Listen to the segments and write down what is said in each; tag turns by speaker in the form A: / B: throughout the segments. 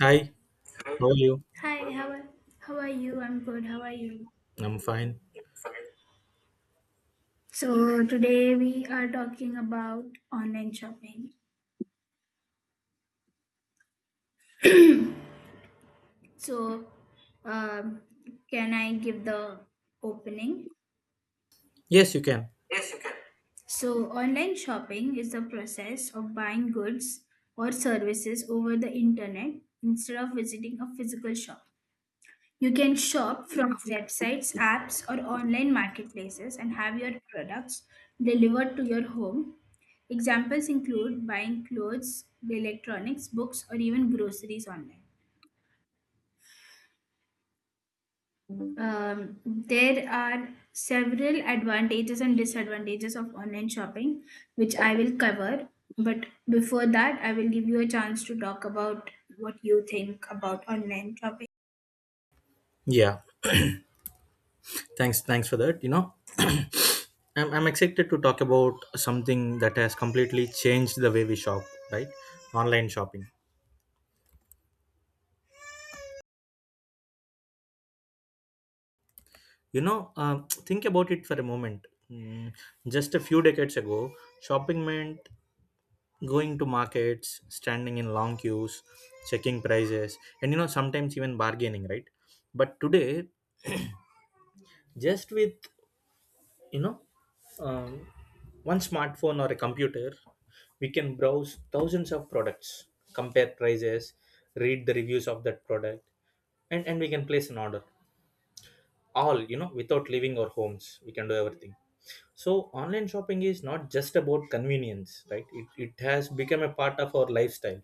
A: Hi, how are you?
B: Hi, how are you? I'm good. How are you?
A: I'm fine.
B: So today we are talking about online shopping. So, um, can I give the opening?
A: Yes, you can.
B: So online shopping is the process of buying goods or services over the internet instead of visiting a physical shop. You can shop from websites, apps, or online marketplaces and have your products delivered to your home. Examples include buying clothes, electronics, books, or even groceries online. There are several advantages and disadvantages of online shopping, which I will cover. But before that, I will give you a chance to talk about what you think about online shopping.
A: Yeah. Thanks for that. I'm excited to talk about something that has completely changed the way we shop, right? Online shopping. Think about it for a moment. Mm, just a few decades ago, shopping meant going to markets, standing in long queues, checking prices, and sometimes even bargaining, right? But today, just with, you know, um, one smartphone or a computer, we can browse thousands of products, compare prices, read the reviews of that product, and we can place an order. All without leaving our homes. We can do everything. So online shopping is not just about convenience, right? It has become a part of our lifestyle.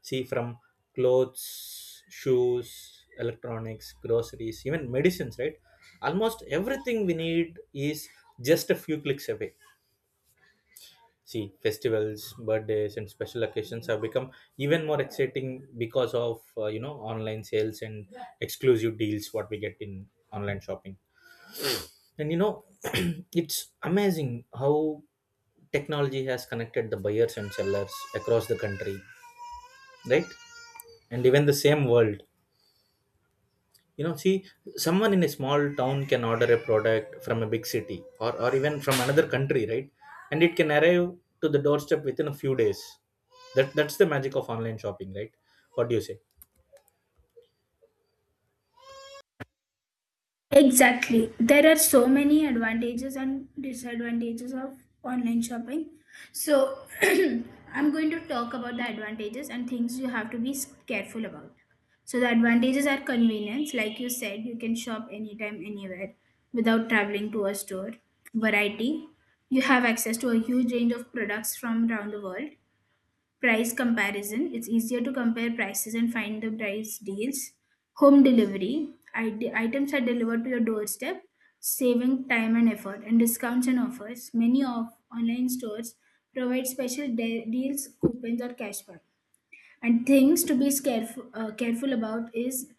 A: See, from clothes, shoes, electronics, groceries, even medicines, right? Almost everything we need is just a few clicks away. See, festivals, birthdays, and special occasions have become even more exciting because of online sales and exclusive deals what we get in online shopping. And you know, it's amazing how technology has connected the buyers and sellers across the country, right? And even the same world. You know, see, someone in a small town can order a product from a big city, or even from another country, right? And it can arrive to the doorstep within a few days. That's the magic of online shopping, right? What do you say?
B: Exactly. There are so many advantages and disadvantages of online shopping. So, I'm going to talk about the advantages and things you have to careful about. So, the advantages are convenience. Like you said, you can shop anytime, anywhere without traveling to a store. Variety. You have access to a huge range of products from around the world. Price comparison: it's easier to compare prices and find the price deals. Home delivery: items are delivered to your doorstep, saving time and effort. And discounts and offers: many of online stores provide deals, coupons, or cashback. And things to be careful, careful about is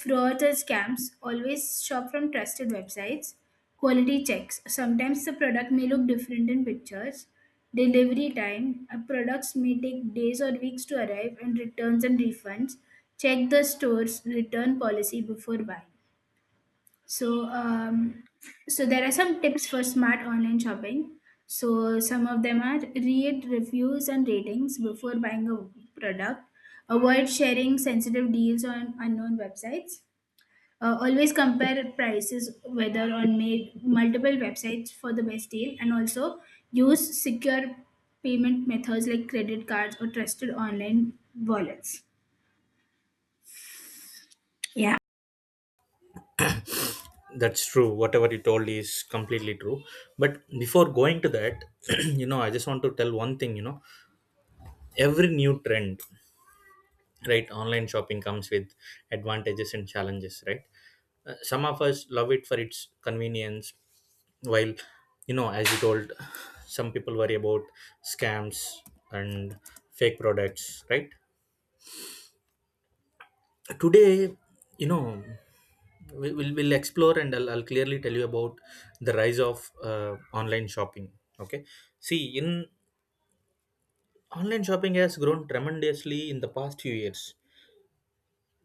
B: fraud and scams. Always shop from trusted websites. Quality checks. Sometimes the product may look different in pictures. Delivery time. Products may take days or weeks to arrive, and returns and refunds. Check the store's return policy before buying. So, so there are some tips for smart online shopping. So, some of them are read reviews and ratings before buying a product. Avoid sharing sensitive deals on unknown websites. Always compare prices whether on multiple websites for the best deal, and also use secure payment methods like credit cards or trusted online wallets. Yeah.
A: That's true, whatever you told is completely true. But before going to that, you know, I just want to tell one thing, you know, every new trend, right, online shopping comes with advantages and challenges, right? Some of us love it for its convenience, while, you know, as you told, some people worry about scams and fake products, right? Today, you know we, we'll explore, and I'll clearly tell you about the rise of uh, online shopping, okay? See, in online shopping has grown tremendously in the past few years.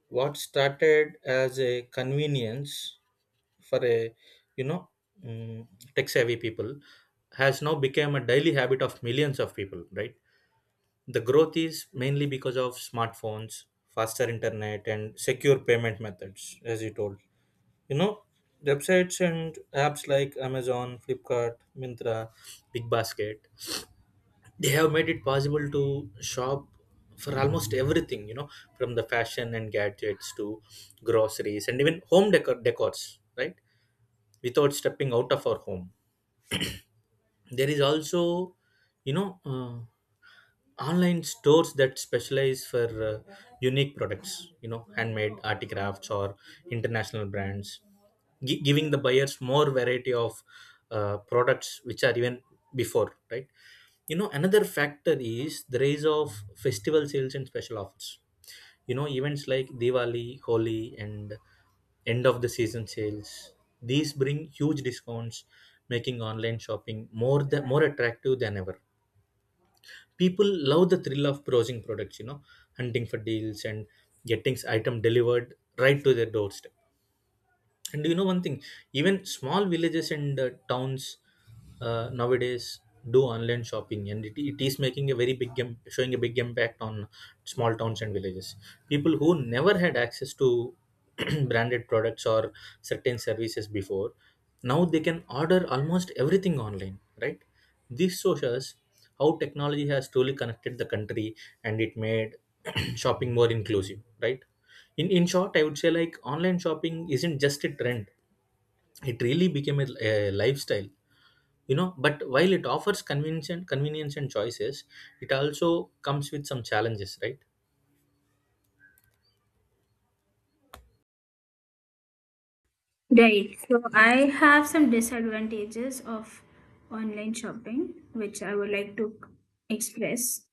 A: What started as a convenience for a, you know, mm, tech savvy people has now become a daily habit of millions of people, right? The growth is mainly because of smartphones, faster internet, and secure payment methods, as you told. You know, websites and apps like Amazon, Flipkart, Mintra, BigBasket, they have made it possible to shop for almost everything, you know, from the fashion and gadgets to groceries and even home decors, right, without stepping out of our home. There is also, you know uh, online stores that specialize for uh, unique products, you know, handmade articrafts or international brands, giving the buyers more variety of products which are even before, right? You know, another factor is the rise of festival sales and special offers. You know, events like Diwali, Holi, and end of the season sales, these bring huge discounts, making online shopping more attractive than ever. People love the thrill of browsing products, you know, hunting for deals and getting item delivered right to their doorstep. And do you know one thing? Even small villages and towns, nowadays, do online shopping, and it is making a very big showing a big impact on small towns and villages. People who never had access to branded products or certain services before, now they can order almost everything online, right? This shows us how technology has truly connected the country and it made shopping more inclusive, right? In short, I would say, like, online shopping isn't just a trend, it really became a lifestyle. You know, but while it offers convenience and convenience and choices, it also comes with some challenges, right?
B: Right. So I have some disadvantages of online shopping, which I would like to express.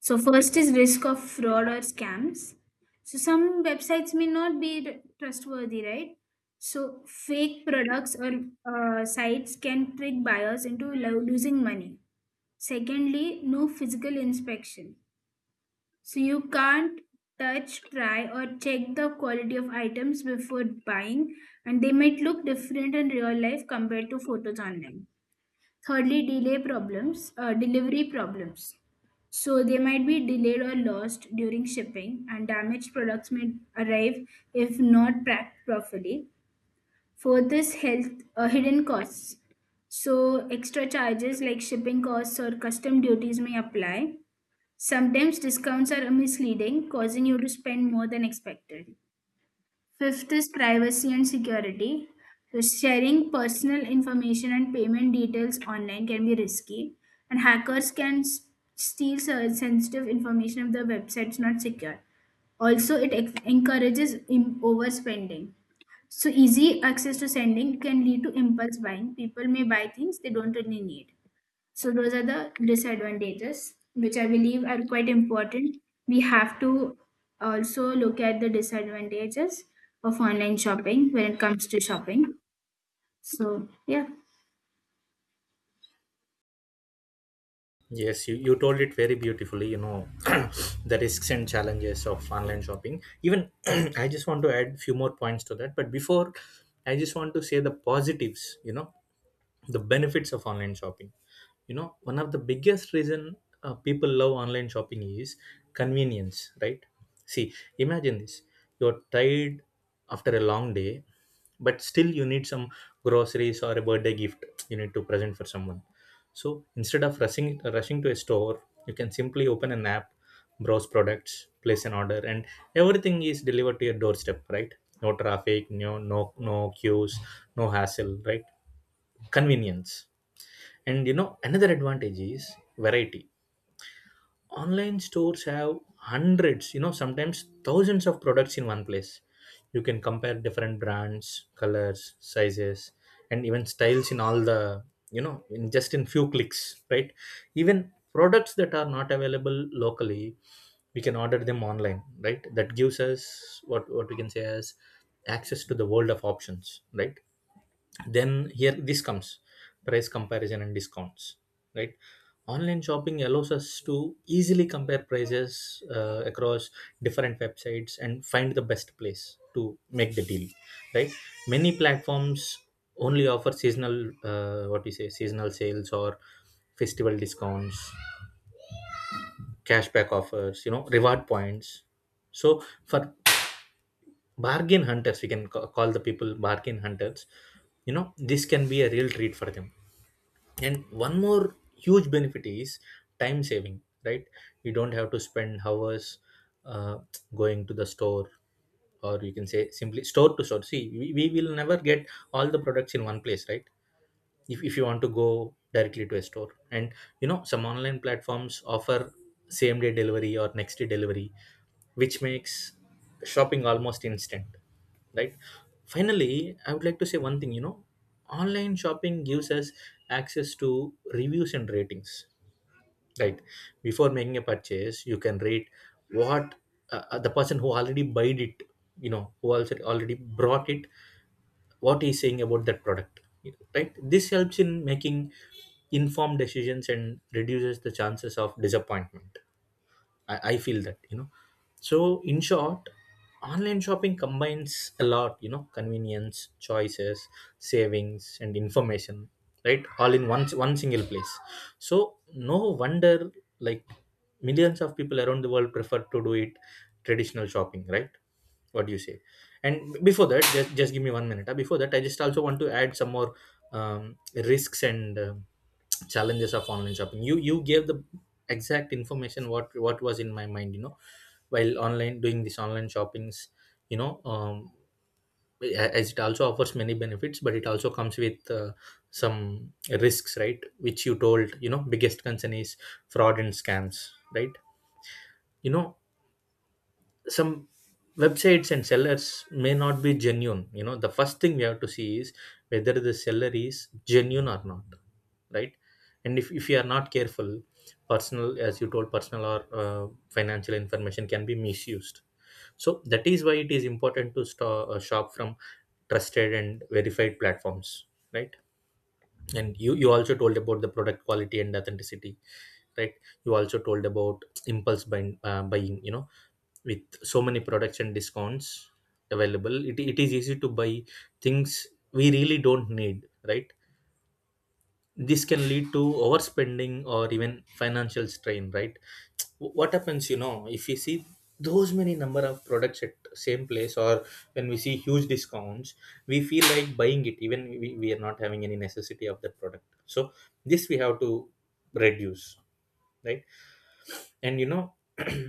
B: So first is risk of fraud or scams. So some websites may not be trustworthy, right? So fake products or sites can trick buyers into losing money. Secondly, no physical inspection. So you can't touch, try, or check the quality of items before buying, and they might look different in real life compared to photos online. Thirdly, delivery problems. So they might be delayed or lost during shipping, and damaged products may arrive if not packed properly. Fourth is health hidden costs. So extra charges like shipping costs or custom duties may apply. Sometimes discounts are misleading, causing you to spend more than expected. Fifth is privacy and security. So sharing personal information and payment details online can be risky, and hackers can steal sensitive information if the website's not secure. Also, encourages overspending. So, easy access to sending can lead to impulse buying. People may buy things they don't really need. So those are the disadvantages, which I believe are quite important. We have to also look at the disadvantages of online shopping when it comes to shopping. So yeah,
A: Yes, you told it very beautifully, you know, the risks and challenges of online shopping. Even I just want to add few more points to that. But before, I just want to say the positives, you know, the benefits of online shopping. You know, one of the biggest reason people love online shopping is convenience, right? See, imagine this. You're tired after a long day, but still you need some groceries or a birthday gift you need to present for someone. So instead of rushing to a store, you can simply open an app, browse products, place an order, and everything is delivered to your doorstep, right? No traffic, no queues, no hassle, right? Convenience. And you know, another advantage is variety. Online stores have hundreds, you know, sometimes thousands of products in one place. You can compare different brands, colors, sizes, and even styles in all the, you know, in just in few clicks, right? Even products that are not available locally, we can order them online, right? That gives us what we can say as access to the world of options, right? Then here this comes price comparison and discounts, right? Online shopping allows us to easily compare prices across different websites and find the best place to make the deal, right? Many platforms only offer seasonal, what we say, seasonal sales or festival discounts, cashback offers, you know, reward points. So for bargain hunters, we can call the people bargain hunters, you know, this can be a real treat for them. And one more huge benefit is time saving, right? You don't have to spend hours uh, going to the store, or you can say simply store to store. See, we will never get all the products in one place, right? If you want to go directly to a store, and you know, some online platforms offer same day delivery or next day delivery, which makes shopping almost instant, right? Finally, I would like to say one thing. You know, online shopping gives us access to reviews and ratings, right? Before making a purchase, you can rate what the person who already bought it, you know, who also already brought it, what he's saying about that product, right? This helps in making informed decisions and reduces the chances of disappointment, I feel that, you know. So in short, online shopping combines a lot, you know, convenience, choices, savings, and information, right, all in one single place. So no wonder, like, millions of people around the world prefer to do it traditional shopping, right? What do you say? And before that, just give me 1 minute. Before that, I just also want to add some more risks and challenges of online shopping. You gave the exact information what was in my mind, you know, while online doing this online shoppings, you know um, as it also offers many benefits, but it also comes with some risks, right, which you told. You know, biggest concern is fraud and scams, right? You know, some websites and sellers may not be genuine. You know, the first thing we have to see is whether the seller is genuine or not, right? And if you are not careful, personal, as you told, personal or financial information can be misused. So that is why it is important to shop from trusted and verified platforms, right? And you also told about the product quality and authenticity, right? You also told about impulse buying, you know, with so many products and discounts available, it is easy to buy things we really don't need, right? This can lead to overspending or even financial strain, right? What happens, you know, if we see those many number of products at same place or when we see huge discounts, we feel like buying it, even we are not having any necessity of that product, so this we have to reduce, right? And you know,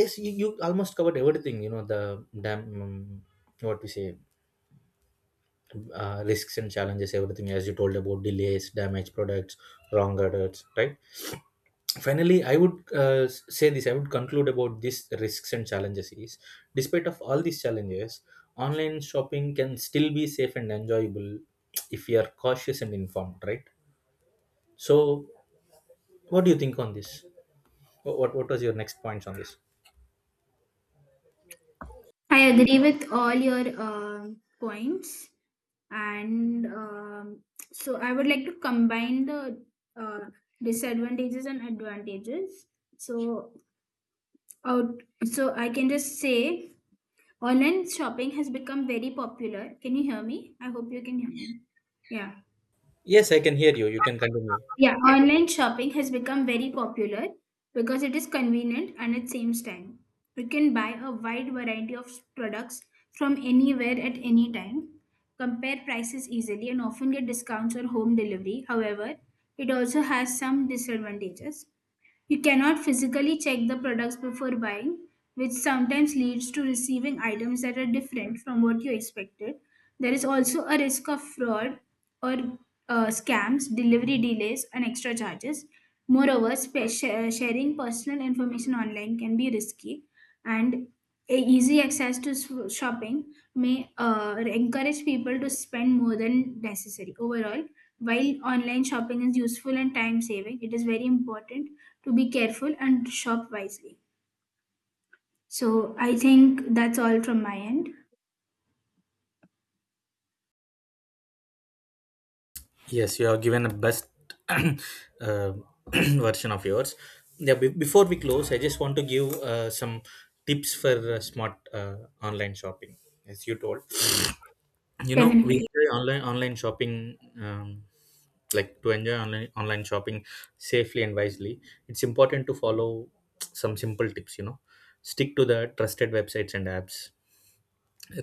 A: yes, you almost covered everything, you know, the damn what we say, risks and challenges, everything, as you told, about delays, damaged products, wrong orders, right? Finally, I would uh, say this, I would conclude about these risks and challenges is despite of all these challenges, online shopping can still be safe and enjoyable if we are cautious and informed, right? So what do you think on this? What was your next points on this?
B: I agree with all your points, and so I would like to combine the uh, disadvantages and advantages. So out, so I can just say, online shopping has become very popular. Can you hear me? I hope you can hear me. Yeah.
A: Yes, I can hear you, you can continue.
B: Yeah. Online shopping has become very popular because it is convenient and it saves time. You can buy a wide variety of products from anywhere at any time, compare prices easily, and often get discounts or home delivery. However, it also has some disadvantages. You cannot physically check the products before buying, which sometimes leads to receiving items that are different from what you expected. There is also a risk of fraud or scams, delivery delays, and extra charges. Moreover, sharing personal information online can be risky, and a easy access to shopping may encourage people to spend more than necessary. Overall, while online shopping is useful and time saving, it is very important to be careful and shop wisely. So I think that's all from my end.
A: Yes, you have given a best uh, version of yours. Yeah, before we close, I just want to give some tips for smart online shopping. As you told, you know, we
B: Definitely.
A: enjoy online shopping, like to enjoy online shopping safely and wisely. It's important to follow some simple tips. You know, stick to the trusted websites and apps,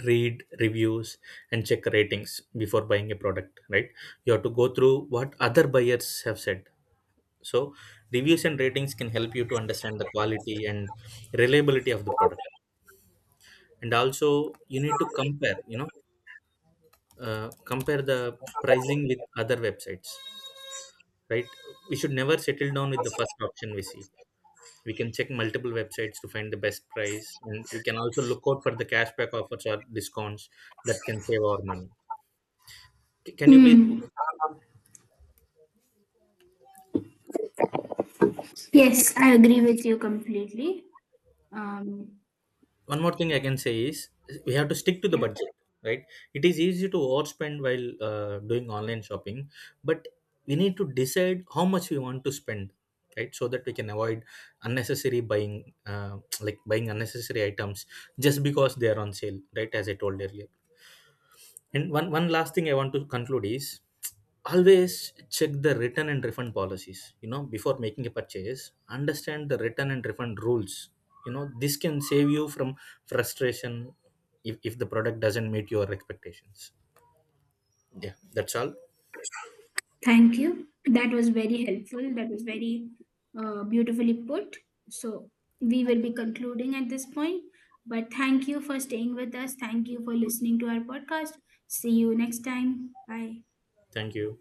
A: read reviews, and check ratings before buying a product, right? You have to go through what other buyers have said. So reviews and ratings can help you to understand the quality and reliability of the product. And also you need to compare, you know, compare the pricing with other websites, right? We should never settle down with the first option we see. We can check multiple websites to find the best price, and we can also look out for the cashback offers or discounts that can save our money. Can you please
B: Hmm. Yes, I agree with you completely. um,
A: one more thing I can say is we have to stick to the
B: yeah.
A: budget, right? It is easy to overspend while doing online shopping, but we need to decide how much we want to spend, right? So that we can avoid like buying unnecessary items just because they are on sale, right? As I told earlier. And one last thing I want to conclude is always check the return and refund policies. You know, before making a purchase, understand the return and refund rules. You know, this can save you from frustration if the product doesn't meet your expectations. Yeah, that's all.
B: Thank you. That was very helpful. That was very beautifully put. So, we will be concluding at this point. But thank you for staying with us. Thank you for listening to our podcast. See you next time. Bye.
A: Thank you.